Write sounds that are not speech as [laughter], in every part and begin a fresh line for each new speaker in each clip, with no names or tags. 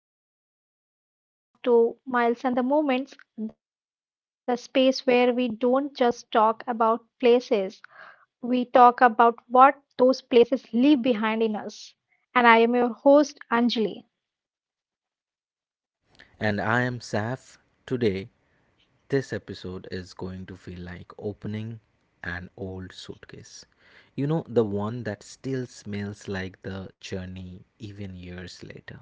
everyone, welcome back to Miles and the Moments, the space where we don't just talk about places, we talk about what those places leave behind in us. And I am your host, Anjali.
And I am Saf. Today, this episode is going to feel like opening an old suitcase. You know, the one that still smells like the journey even years later.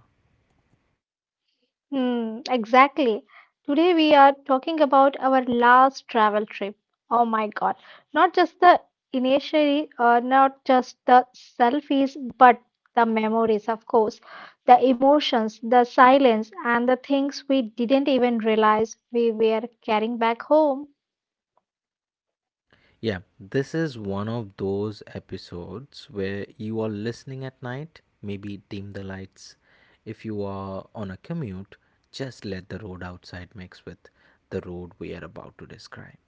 Exactly. Today we are talking about our last travel trip. Oh my God. Not just the not just the selfies, but the memories, of course, the emotions, the silence, and the things we didn't even realize we were carrying back home.
Yeah, this is one of those episodes where you are listening at night, maybe dim the lights. If you are on a commute, just let the road outside mix with the road we are about to describe.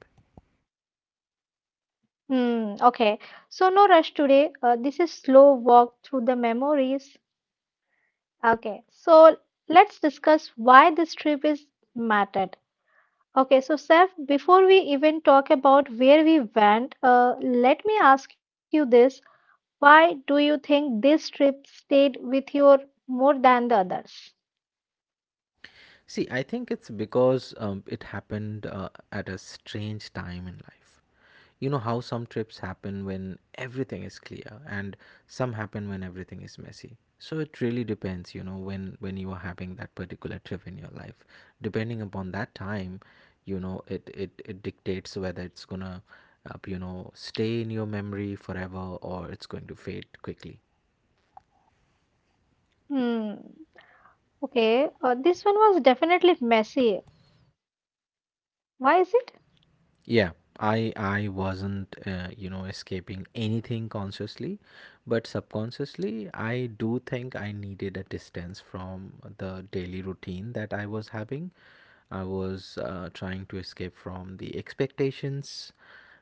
Hmm, okay. So no rush today. This is slow walk through the memories. Okay. So let's discuss why this trip is mattered. Okay, so Seth, before we even talk about where we went, let me ask you this. Why do you think this trip stayed with you more than the others?
See, I think it's because it happened at a strange time in life. You know how some trips happen when everything is clear, and some happen when everything is messy. So it really depends, you know, when you are having that particular trip in your life. Depending upon that time, you know, it dictates whether it's gonna, you know, stay in your memory forever, or it's going to fade quickly.
Hmm. Okay, this one was definitely messy. Why is it?
Yeah, I wasn't you know, escaping anything consciously, but subconsciously I do think I needed a distance from the daily routine that I was having. I was trying to escape from the expectations,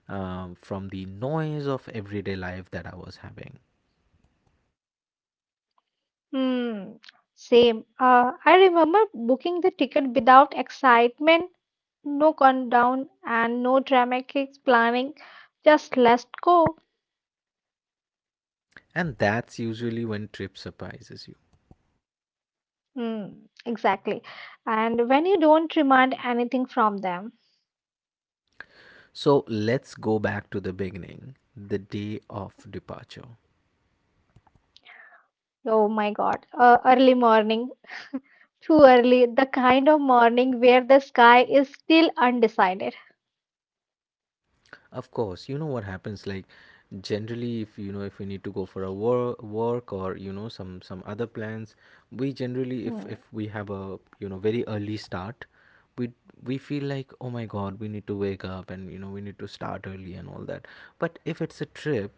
from the noise of everyday life that I was having.
Hmm. Same. I remember booking the ticket without excitement, no countdown, and no dramatic planning. Just let's go.
And that's usually when trip surprises you.
Mm, exactly. And when you don't demand anything from them,
So let's go back to the beginning, the day of departure.
oh my God, early morning, too early, the kind of morning where the sky is still undecided.
Of course, you know what happens. Like, generally, if you know if we need to go for a work, or you know, some other plans, we generally, if we
Mm,
have a, you know, very early start, we we feel like, oh my god, we need to wake up, and you know, we need to start early and all that. But if it's a trip,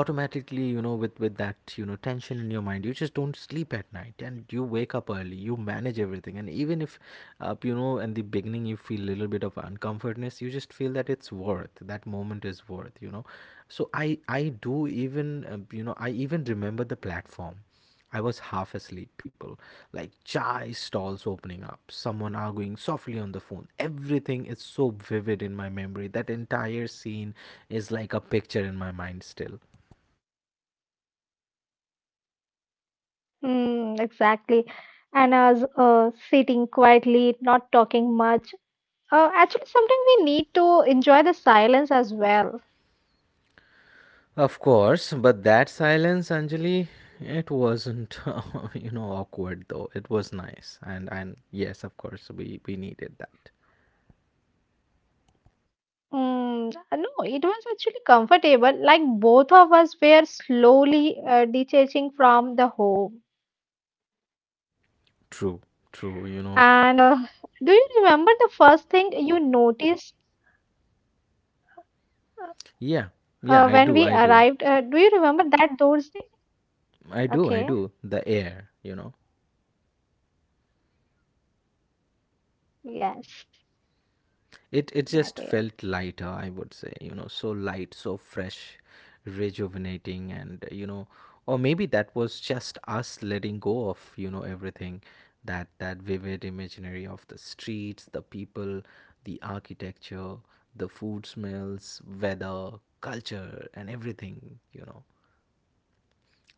automatically, you know, with that, you know, tension in your mind, you just don't sleep at night, and you wake up early, you manage everything. And even if, you know, in the beginning, you feel a little bit of uncomfortness, you just feel that it's worth, that moment is worth, you know. So I do. Even you know, I even remember the platform. I was half asleep, people. Like chai stalls opening up, someone arguing softly on the phone. Everything is so vivid in my memory. That entire scene is like a picture in my mind still.
exactly. And as sitting quietly, not talking much. Actually, sometimes we need to enjoy the silence as well.
Of course, but that silence, Anjali, it wasn't, [laughs] awkward though. It was nice, and yes, of course, we needed that.
Mm, no, it was actually comfortable. Like both of us were slowly detaching from the home.
True, true. You
And
know,
do you remember the first thing you noticed
yeah, yeah. I
when
do,
we
I do,
arrived? Do you remember that Thursday?
I do, I
Okay,
do. The air, you know,
yes, that year.
it just felt lighter, I would say, you know, so light, so fresh, rejuvenating, and you know, or maybe that was just us letting go of, you know, everything, that vivid imaginary of the streets, the people, the architecture, the food smells, weather, culture, and everything, you know.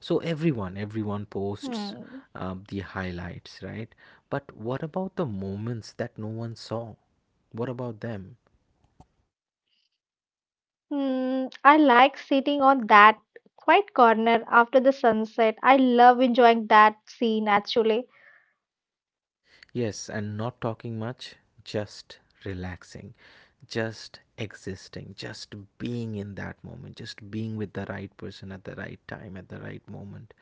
So everyone posts
Hmm.
the highlights, right? But what about the moments that no one saw? What about them?
Hmm. I like sitting on that quiet corner after the sunset. I love enjoying that scene actually.
Yes, and not talking much, just relaxing, just existing, just being in that moment, just being with the right person at the right time, at the right moment,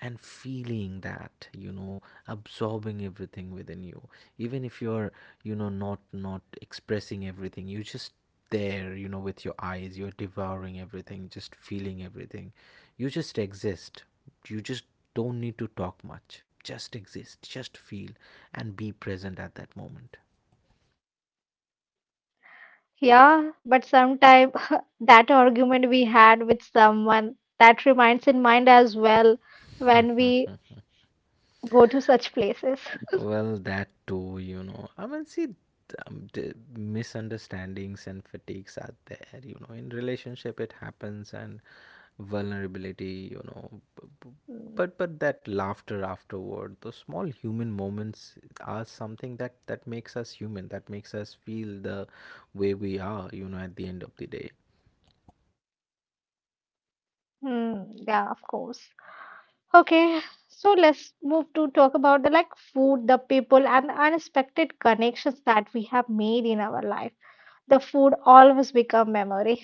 and feeling that, you know, absorbing everything within you. Even if you're, you know, not expressing everything, you just there, you know, with your eyes, you're devouring everything, just feeling everything. You just exist. You just don't need to talk much. Just exist. Just feel and be present at that moment.
Yeah, but sometime [laughs] that argument we had with someone that reminds in mind as well when we
[laughs]
go to such places.
Well, that too, you know. I mean, see, the misunderstandings and fatigues are there, you know. In relationship, it happens, and vulnerability, you know.
[laughs]
But that laughter afterward, those small human moments are something that makes us human. That makes us feel the way we are, you know, at the end of the day.
Hmm. Yeah, of course. Okay, so let's move to talk about the like food, the people, and the unexpected connections that we have made in our life. The food always become memory.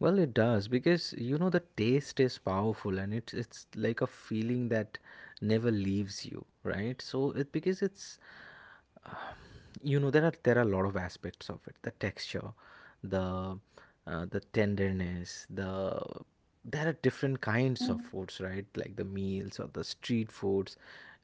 Well, it does, because you know the taste is powerful, and it's like a feeling that never leaves you, right? So it, because it's, you know, there are a lot of aspects of it, the texture, the the
Mhm.
tenderness, the, there are different kinds of foods, right? Like the meals or the street foods,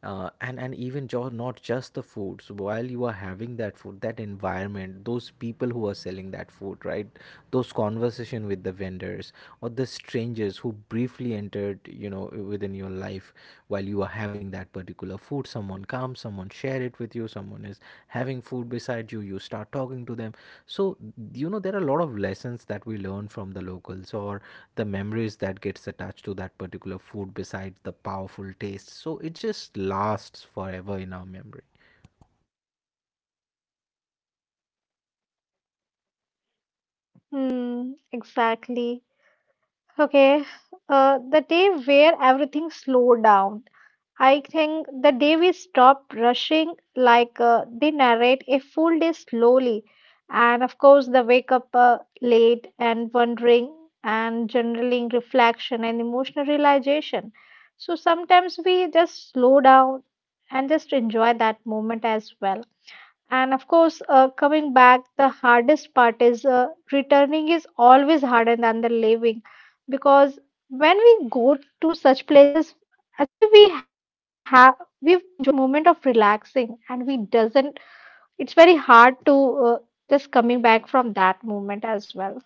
and even, not just the foods, while you are having that food, that environment, those people who are selling that food, right, those conversation with the vendors, or the strangers who briefly entered, you know, within your life. While you are having that particular food, someone comes, someone share it with you, someone is having food beside you, you start talking to them. So, you know, there are a lot of lessons that we learn from the locals, or the memories that gets attached to that particular food beside the powerful taste, so it just lasts forever in our memory.
Mm, exactly. Okay, the day where everything slowed down. I think the day we stopped rushing, like they narrate a full day slowly, and of course, the wake up late and wondering, and generally reflection and emotional realization. So sometimes we just slow down and just enjoy that moment as well. And of course, coming back, the hardest part is returning is always harder than the leaving because when we go to such places, actually we enjoy that moment of relaxing, and we doesn't. It's very hard to uh, just coming back from that moment as well.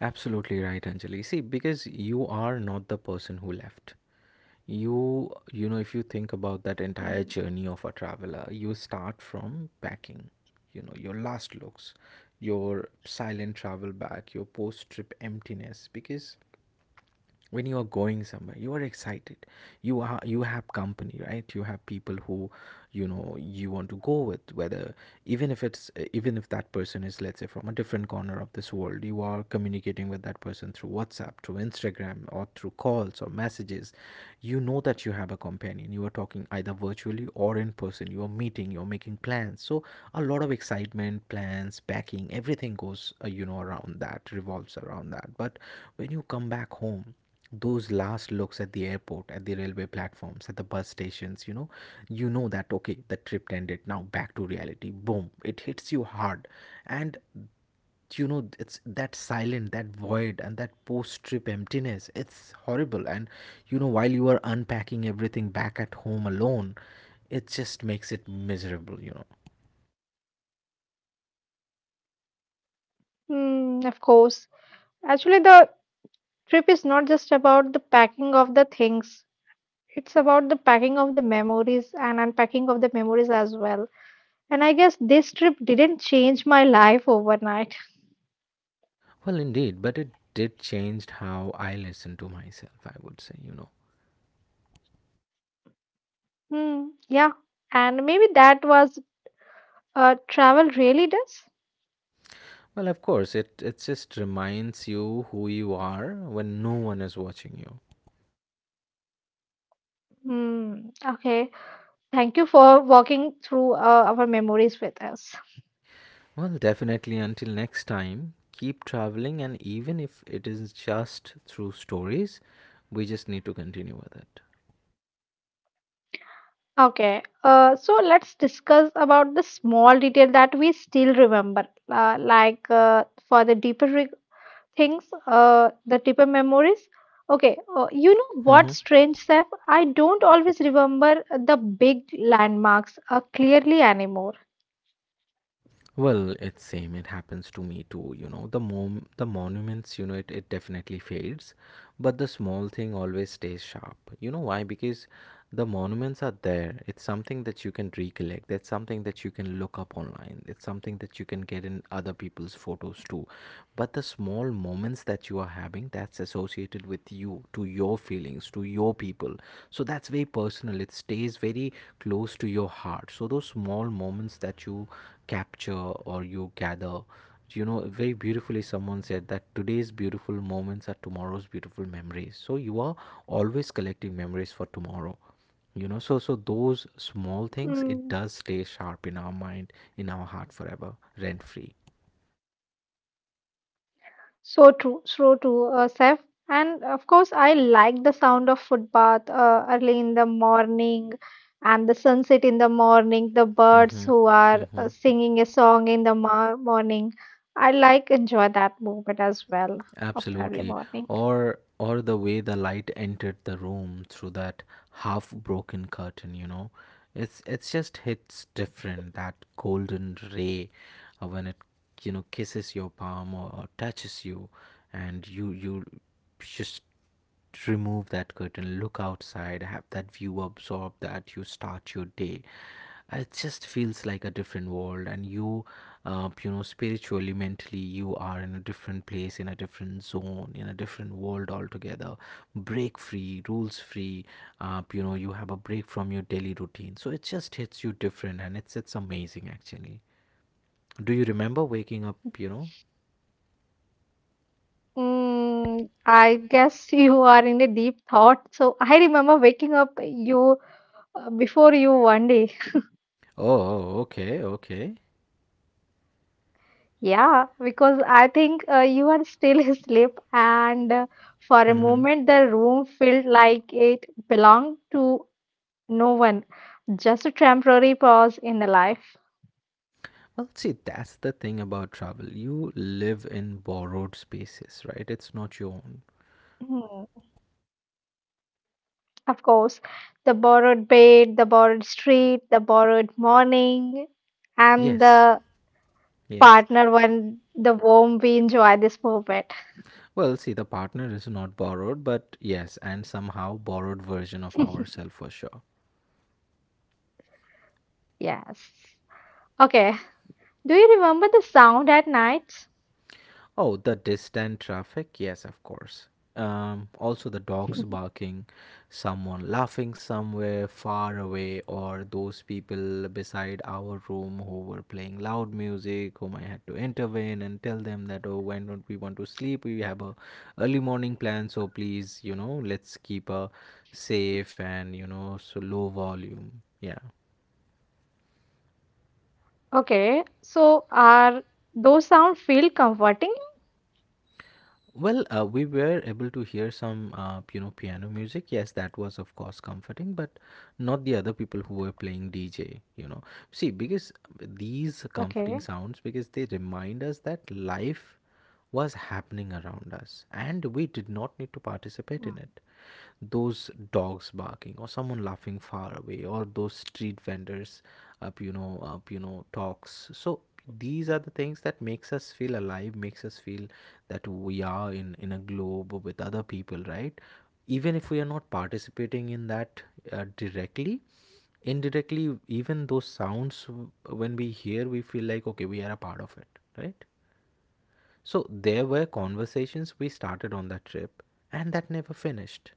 Absolutely right, Anjali. See, because you are not the person who left. You know, if you think
Hmm.
about that entire journey of a traveler, you start from packing, you know, your last looks, your silent travel back, your post trip emptiness, because when you are going somewhere, you are excited. You have company, right? You have people who, you know, you want to go with. Whether, even if that person is, let's say, from a different corner of this world, you are communicating with that person through WhatsApp, through Instagram, or through calls or messages. You know that you have a companion, you are talking either virtually or in person, you are meeting, you're making plans. So a lot of excitement, plans, packing, everything goes, you know, around that revolves around that. But when you come back home, those last looks at the airport, at the railway platforms, at the bus stations, you know, you know that, okay, the trip ended, now back to reality, boom, it hits you hard. And you know, it's that silent, that void, and that post trip emptiness, it's horrible. And you know, while you are unpacking everything back at home alone, it just makes it miserable, you know.
Mm, of course. Actually, the trip is not just about the packing of the things. It's about the packing of the memories and unpacking of the memories as well. And I guess this trip didn't change my life overnight.
Well, indeed, but it did change how I listen to myself, I would say, you know.
Hmm, yeah. And maybe that was travel really does.
Well, of course, it just reminds you who you are when no one is watching you.
Hmm, okay. Thank you for walking through our memories with us.
Well, definitely. Until next time, keep traveling, and even if it is just through stories, we just need to continue with it.
Okay. So let's discuss about the small detail that we still remember, uh, like uh, for the deeper re things, the deeper memories. Okay, you know what,
Hmm.
strange self? I don't always remember the big landmarks clearly anymore.
Well, it's same. It happens to me too. You know, the mom, the monuments. You know, it definitely fades, but the small thing always stays sharp. You know why? Because the monuments are there, it's something that you can recollect, that's something that you can look up online, it's something that you can get in other people's photos too. But the small moments that you are having, that's associated with you, to your feelings, to your people, so that's very personal, it stays very close to your heart. So those small moments that you capture or you gather, you know, very beautifully, someone said that today's beautiful moments are tomorrow's beautiful memories, so you are always collecting memories for tomorrow, you know. So those small things, it
Mm.
does stay sharp in our mind, in our heart, forever, rent free.
So true, Seth. And of course, I like the sound of footpath early in the morning and the sunset in the morning, the birds
Mm-hmm,
who are
mm-hmm.
singing a song in the mo morning. I like enjoy that moment as well of the early
Absolutely.
morning.
Or the way the light entered the room through that half broken curtain, you know. It's just hits different, that golden ray, when it, you know, kisses your palm, or touches you, and you just remove that curtain, look outside, have that view, absorb that, you start your day. It just feels like a different world, and you, you know, spiritually, mentally, you are in a different place, in a different zone, in a different world altogether. Break free, rules free. You know, you have a break from your daily routine, so it just hits you different, and it's amazing actually. Do you remember waking up? You know?
Mm, I guess you are in a deep thought. So I remember waking up you before you one day.
Oh, okay, okay.
Yeah, because I think you are still [laughs] asleep, and for a
Mm-hmm.
moment the room felt like it belonged to no one. Just a temporary pause in the life.
Well, see, that's the thing about travel. You live in borrowed spaces, right? It's not your own.
Mm, of course, the borrowed bed, the borrowed street, the borrowed morning, and
Yes,
the
yes.
partner when the warm we enjoy this moment.
Well, see, the partner is not borrowed, but yes, and somehow borrowed version of ourselves for sure.
Yes. Okay. Do you remember the sound at night?
Oh, the distant traffic? Yes, of course. Also, the dogs barking, someone laughing somewhere far away, or those people beside our room who were playing loud music, whom I had to intervene and tell them that, oh, why don't we want to sleep? We have a early morning plan, so please, you know, let's keep a safe and you know, so low volume. Yeah.
Okay. So are those sounds feel comforting?
Well, we were able to hear some, you know, piano music. Yes, that was of course comforting, but not the other people who were playing DJ. You know, see, because these comforting
Okay.
sounds, because they remind us that life was happening around us, and we did not need to participate in
Mm.
it. Those dogs barking, or someone laughing far away, or those street vendors, up, you know, talks. So these are the things that makes us feel alive, makes us feel that we are in a globe with other people, right? Even if we are not participating in that directly, indirectly, even those sounds when we hear, we feel like okay, we are a part of it, right? So there were conversations we started on that trip and that never finished.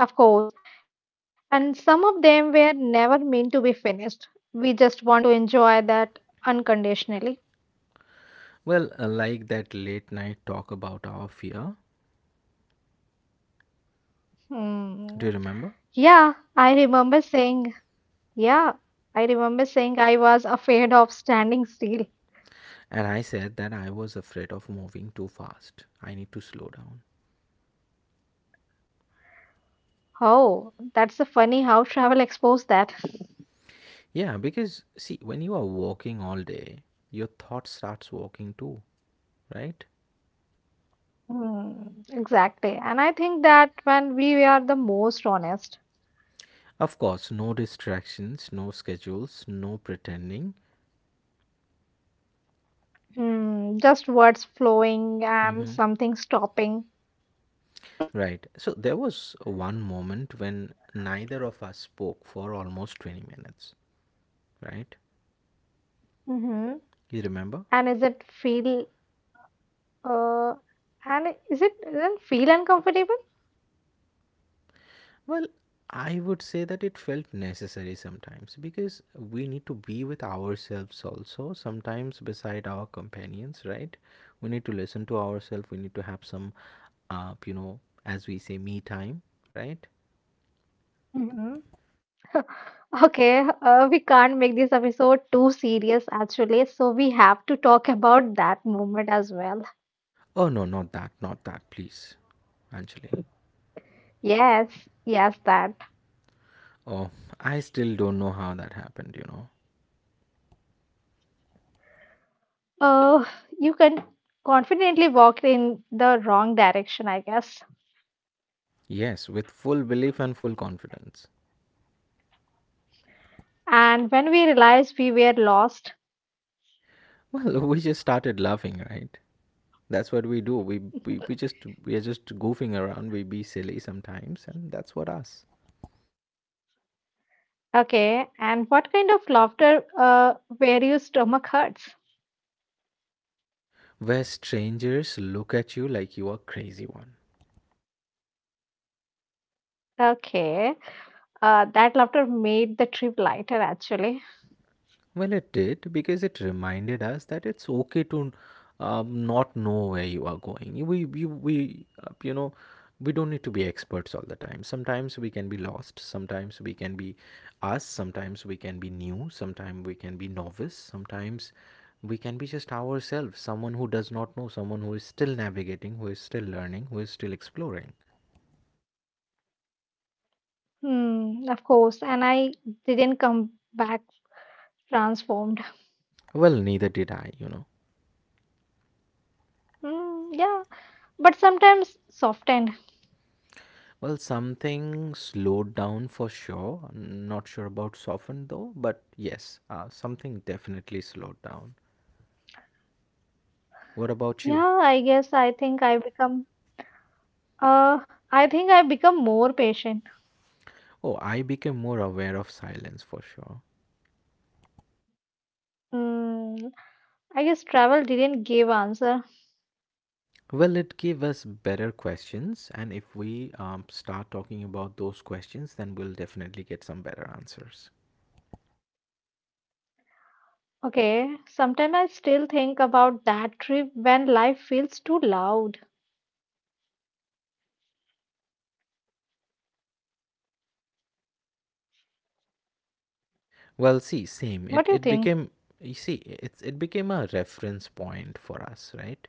Hmm, of course. And some of them were never meant to be finished. We just want to enjoy that unconditionally.
Well, like that late night talk about our fear. Do
Hmm.
you remember?
Yeah, I remember saying, yeah, I remember saying I was afraid of standing still.
And I said that I was afraid of moving too fast. I need to slow down.
Oh, that's a funny how travel exposed that.
Yeah, because see, when you are walking all day, your thought starts walking too, right?
Hmm. Exactly. And I think that when we are the most honest,
Of course, no distractions, no schedules, no pretending.
hmm, just words flowing and
Hmm.
something stopping.
Right. So there was one moment when neither of us spoke for almost 20 minutes, right?
Hmm.
You
And
remember?
is it feel uh and is it doesn't feel uncomfortable?
Well, I would say that it felt necessary sometimes because we need to be with ourselves also, sometimes beside our companions, right? We need to listen to ourselves, we need to have some, uh, you know, as we say, me time, right?
Hmm. Okay, we can't make this episode too serious actually, so we have to talk about that moment as well.
Oh, no, not that, not that, please, Anjali.
Yes, yes, that.
Oh, I still don't know how that happened.
Uh, you can confidently walk in the wrong direction, I guess.
Yes, with full belief and full confidence.
And when we realized we were lost,
Well, [laughs] we just started laughing, right? That's what we do. We, we we just we are just goofing around. We be silly sometimes, and that's what us.
okay, and what kind of laughter were your stomach hurts?
Where strangers look at you like you are crazy one.
Okay, that laughter made the trip lighter actually.
Well, it did because it reminded us that it's okay to not know where you are going. We don't need to be experts all the time. Sometimes we can be lost. Sometimes we can be us. Sometimes we can be new. Sometimes we can be novice. Sometimes we can be just ourselves, someone who does not know, someone who is still navigating, who is still learning, who is still exploring.
Hmm, of course, and I didn't come back transformed.
Well, neither did I.
Hmm, yeah, but sometimes softened.
Well, something slowed down for sure. Not sure about softened though, but yes, something definitely slowed down. What about you?
Yeah, I guess uh, I think I become more patient.
Oh, I became more aware of silence for sure.
Hmm, I guess travel didn't give answer.
Well, it gave us better questions, and if we start talking about those questions, then we'll definitely get some better answers.
Okay, sometimes I still think about that trip when life feels too loud.
Well, see, same.
What
It
do you
it
think?
became You see, it became a reference point for us, right?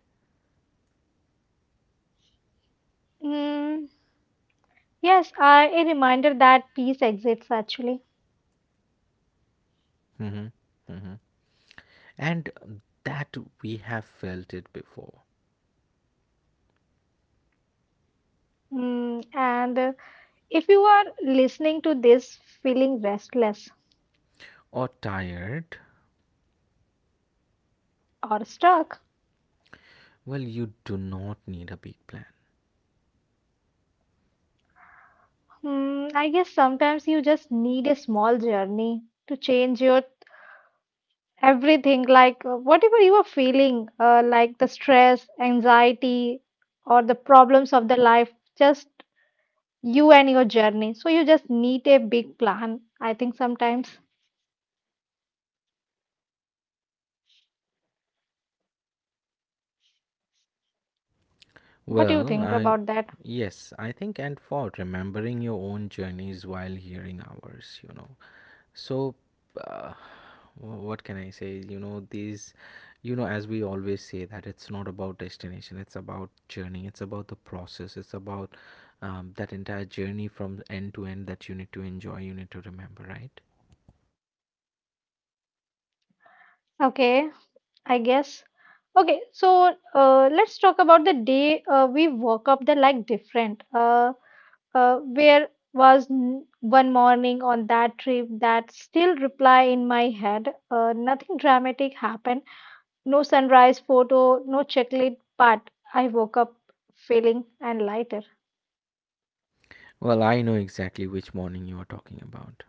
Mm, yes, a reminder that peace exists actually.
Mm-hmm. Mm-hmm. And that we have felt it before.
Mm, and if you are listening to this feeling restless
Or tired,
or stuck,
well, you do not need a big plan.
mm, I guess sometimes you just need a small journey to change your everything, like whatever you are feeling, like the stress, anxiety, or the problems of the life, just you and your journey. So you just need a big plan, I think sometimes. What do you think about
Well,
that?
yes, I think, and for remembering your own journeys while hearing ours. So, uh, what can I say? You know, as we always say, that it's not about destination, it's about journey, it's about the process, it's about that entire journey from end to end that you need to enjoy, you need to remember, right?
Okay, I guess. Okay, so let's talk about the day we woke up the like different. Where was one morning on that trip that still reply in my head. Nothing dramatic happened. No sunrise photo, no chocolate, but I woke up feeling and lighter.
Well, I know exactly which morning you are talking about.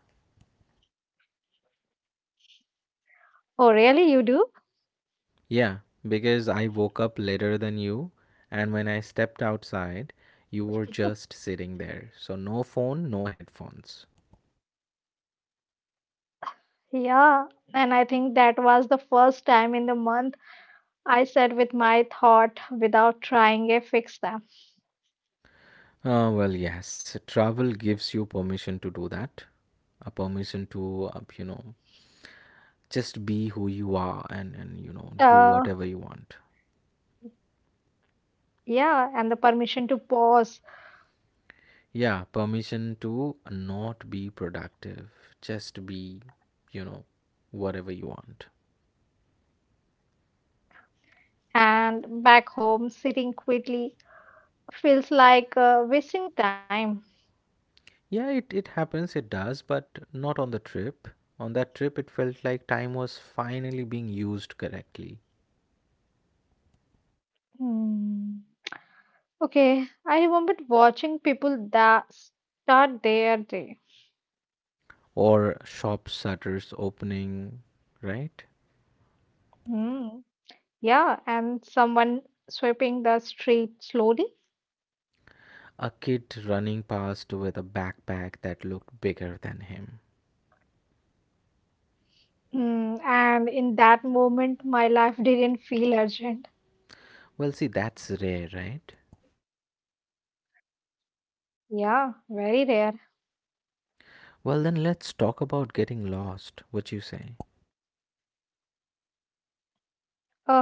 Oh, really? You do?
Yeah, because I woke up later than you, and when I stepped outside, you were just sitting there. So, no phone, no headphones.
Yeah, and I think that was the first time in the month I sat with my thought without trying to fix them.
Well, yes, travel gives you permission to do that. A permission to, just be who you are, and, do
Uh,
whatever you want.
yeah, and the permission to pause
Yeah, permission to not be productive, just be, you know, whatever you want.
and back home, sitting quietly feels like wasting time.
Yeah, it happens, it does, but not on the trip. On that trip, it felt like time was finally being used correctly.
Hmm. Okay, I remembered watching people that start their day.
Or shop shutters opening, right?
Hmm. Yeah, and someone sweeping the street slowly.
A kid running past with a backpack that looked bigger than him.
Mm, and in that moment, my life didn't feel urgent.
Well, see, that's rare, right?
Yeah, very rare.
Well, then let's talk about getting lost. What you say?
Oh,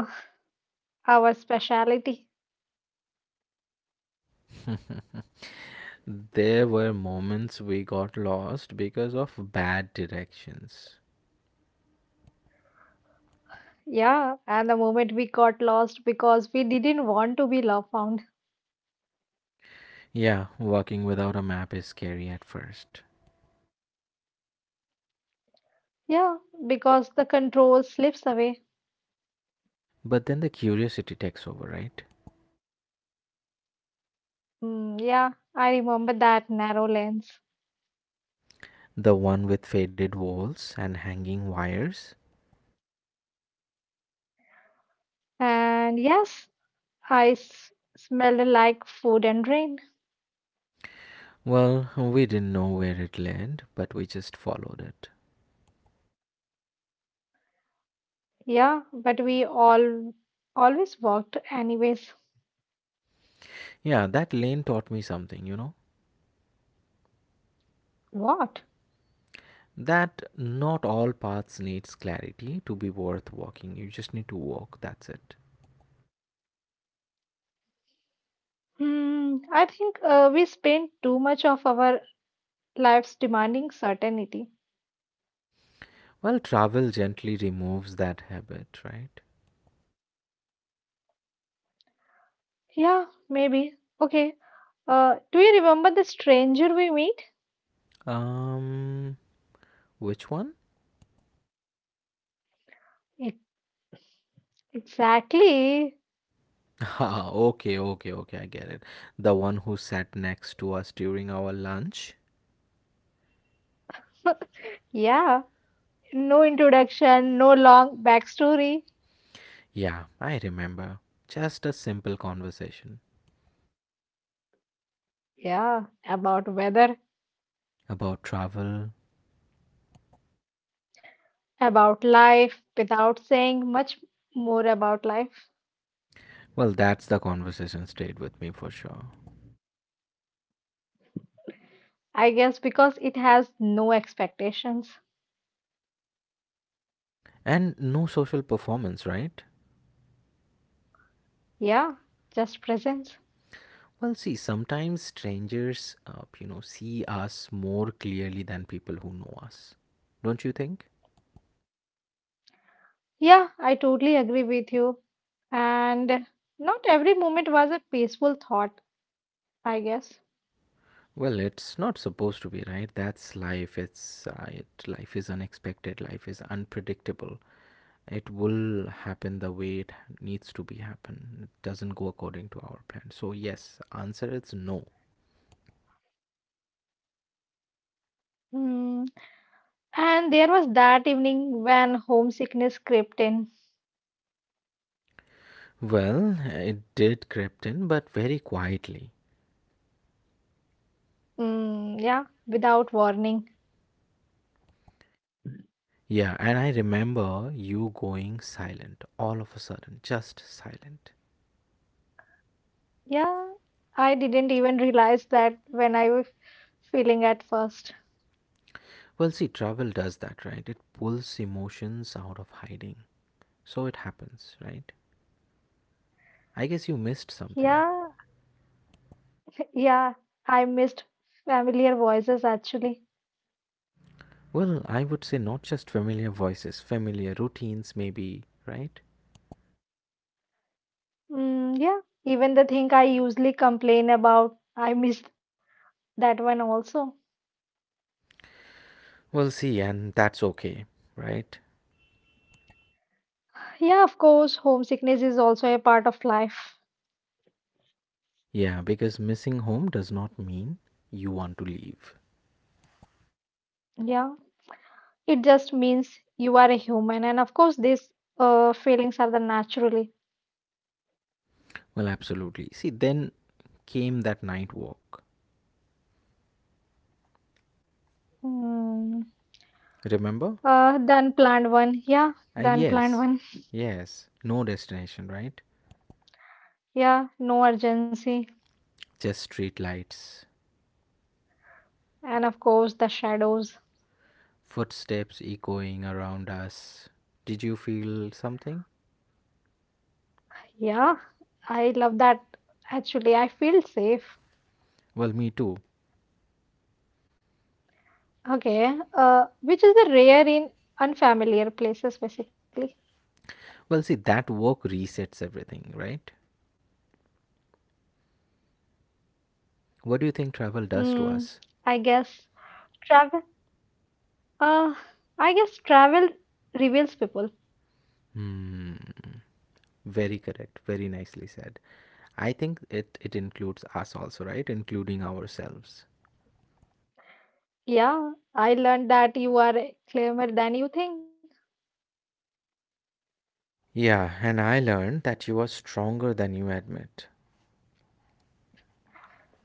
our speciality.
[laughs] There were moments we got lost because of bad directions.
Yeah, and the moment we got lost because we didn't want to be love found.
Yeah, walking without a map is scary at first.
Yeah, because the control slips away.
But then the curiosity takes over, right?
Mm, yeah, I remember that narrow lens.
The one with faded walls and hanging wires.
And yes, I s smelled like food and rain.
Well, we didn't know where it led, but we just followed it.
Yeah, but we all always walked anyways.
Yeah, that lane taught me something, you know?
What?
That not all paths needs clarity to be worth walking. You just need to walk, that's it.
Hmm, I think we spend too much of our lives demanding certainty.
Well, travel gently removes that habit, right?
Yeah, maybe. Okay. Do you remember the stranger we meet?
Um, which one? [laughs]
E- Exactly.
Ah, okay, okay, okay, I get it. The one who sat next to us during our lunch.
[laughs] Yeah. No introduction, no long backstory.
Yeah, I remember. Just a simple conversation
Yeah. About weather,
about travel.
about life, without saying much more about life.
Well, that's the conversation stayed with me for sure.
I guess because it has no expectations.
And no social performance, right?
Yeah. Just presence.
Well, see, sometimes strangers, see us more clearly than people who know us. Don't you think?
Yeah, I totally agree with you. And not every moment was a peaceful thought, I guess.
Well, it's not supposed to be, right? That's life. It's life is unexpected. Life is unpredictable. It will happen the way it needs to be happen. It doesn't go according to our plan, so yes, answer is no.
Hmm. And there was that evening when homesickness crept in.
Well, it did crept in, but very quietly.
Mm, yeah, without warning.
Yeah, and I remember you going silent all of a sudden, just silent.
Yeah, I didn't even realize that when I was feeling at first.
Well, see, travel does that, right? It pulls emotions out of hiding, so it happens, right? I guess you missed something.
Yeah, yeah, I missed familiar voices actually.
Well, I would say, not just familiar voices, familiar routines maybe, right?
Mm, yeah, even the thing I usually complain about, I missed that one also.
Well, see, and that's okay, right?
Yeah, of course, homesickness is also a part of life.
Yeah, because missing home does not mean you want to leave.
Yeah, it just means you are a human, and of course, these feelings are the natural.
Well, absolutely. See, then came that night walk.
Mm,
Remember?
the unplanned one. Yeah,
Uh,
the unplanned
yes,
one.
yes. No destination, right?
Yeah, no urgency.
Just street lights,
And of course, the shadows.
footsteps echoing around us. Did you feel something?
Yeah, I love that. Actually, I feel safe.
Well, me too.
Okay, which is the rare in unfamiliar places, basically.
Well, see, that walk resets everything, right? What do you
Mm,
think travel
I
does to
guess
us?
travel. Uh, I guess travel reveals people.
Hmm, very correct. Very nicely said. I think it includes us also, right? Including ourselves.
Yeah, I learned that you are clever than you think.
Yeah, and I learned that you are stronger than you admit.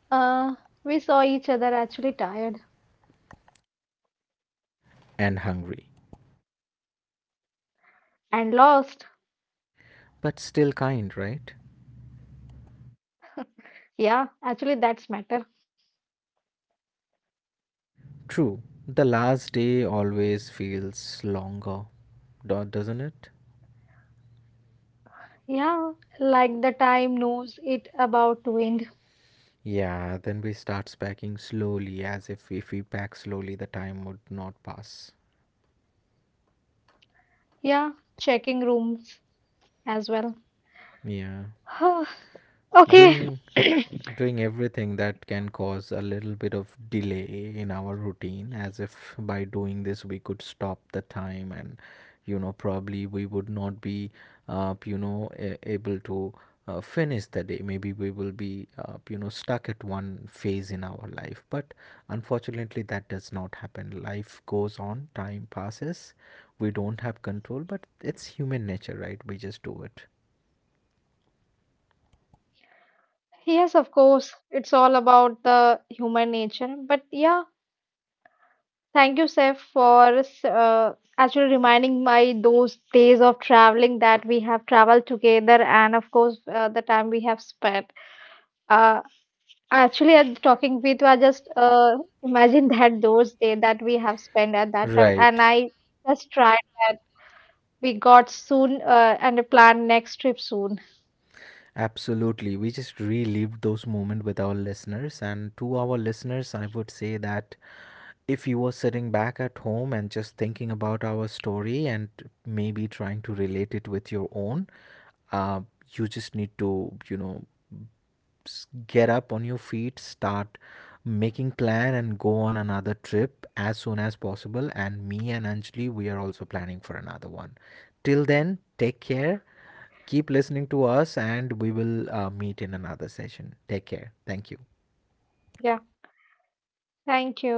Uh, we saw each other actually tired
And hungry.
and lost.
But still kind, right?
Yeah, actually, that's matter.
True. The last day always feels longer, doesn't it?
Yeah, like the time knows it about to end.
Yeah, then we start packing slowly, as if we pack slowly, the time would not pass.
Yeah, checking rooms as well.
Yeah.
[sighs] Okay,
doing doing everything that can cause a little bit of delay in our routine, as if by doing this we could stop the time, and probably we would not be able to finish the day. Maybe we will be stuck at one phase in our life, but unfortunately that does not happen. Life goes on, time passes. We don't have control, but it's human nature, right? We just do it,
yes, of course, it's all about the human nature. But yeah, thank you, Seth, for actually reminding my those days of traveling that we have traveled together, and of course, the time we have spent. Uh, Actually, I'm talking with you. I just imagine that those day that we have spent at that travel, and
right?
I just tried that we got soon and a plan next trip soon.
Absolutely. We just relived those moments with our listeners. And to our listeners, I would say that if you were sitting back at home and just thinking about our story and maybe trying to relate it with your own, uh, you just need to, get up on your feet, start making plan and go on another trip as soon as possible. And me and Anjali, we are also planning for another one. Till then, take care. Keep listening to us, and we will meet in another session. Take care. Thank you.
Yeah, thank you.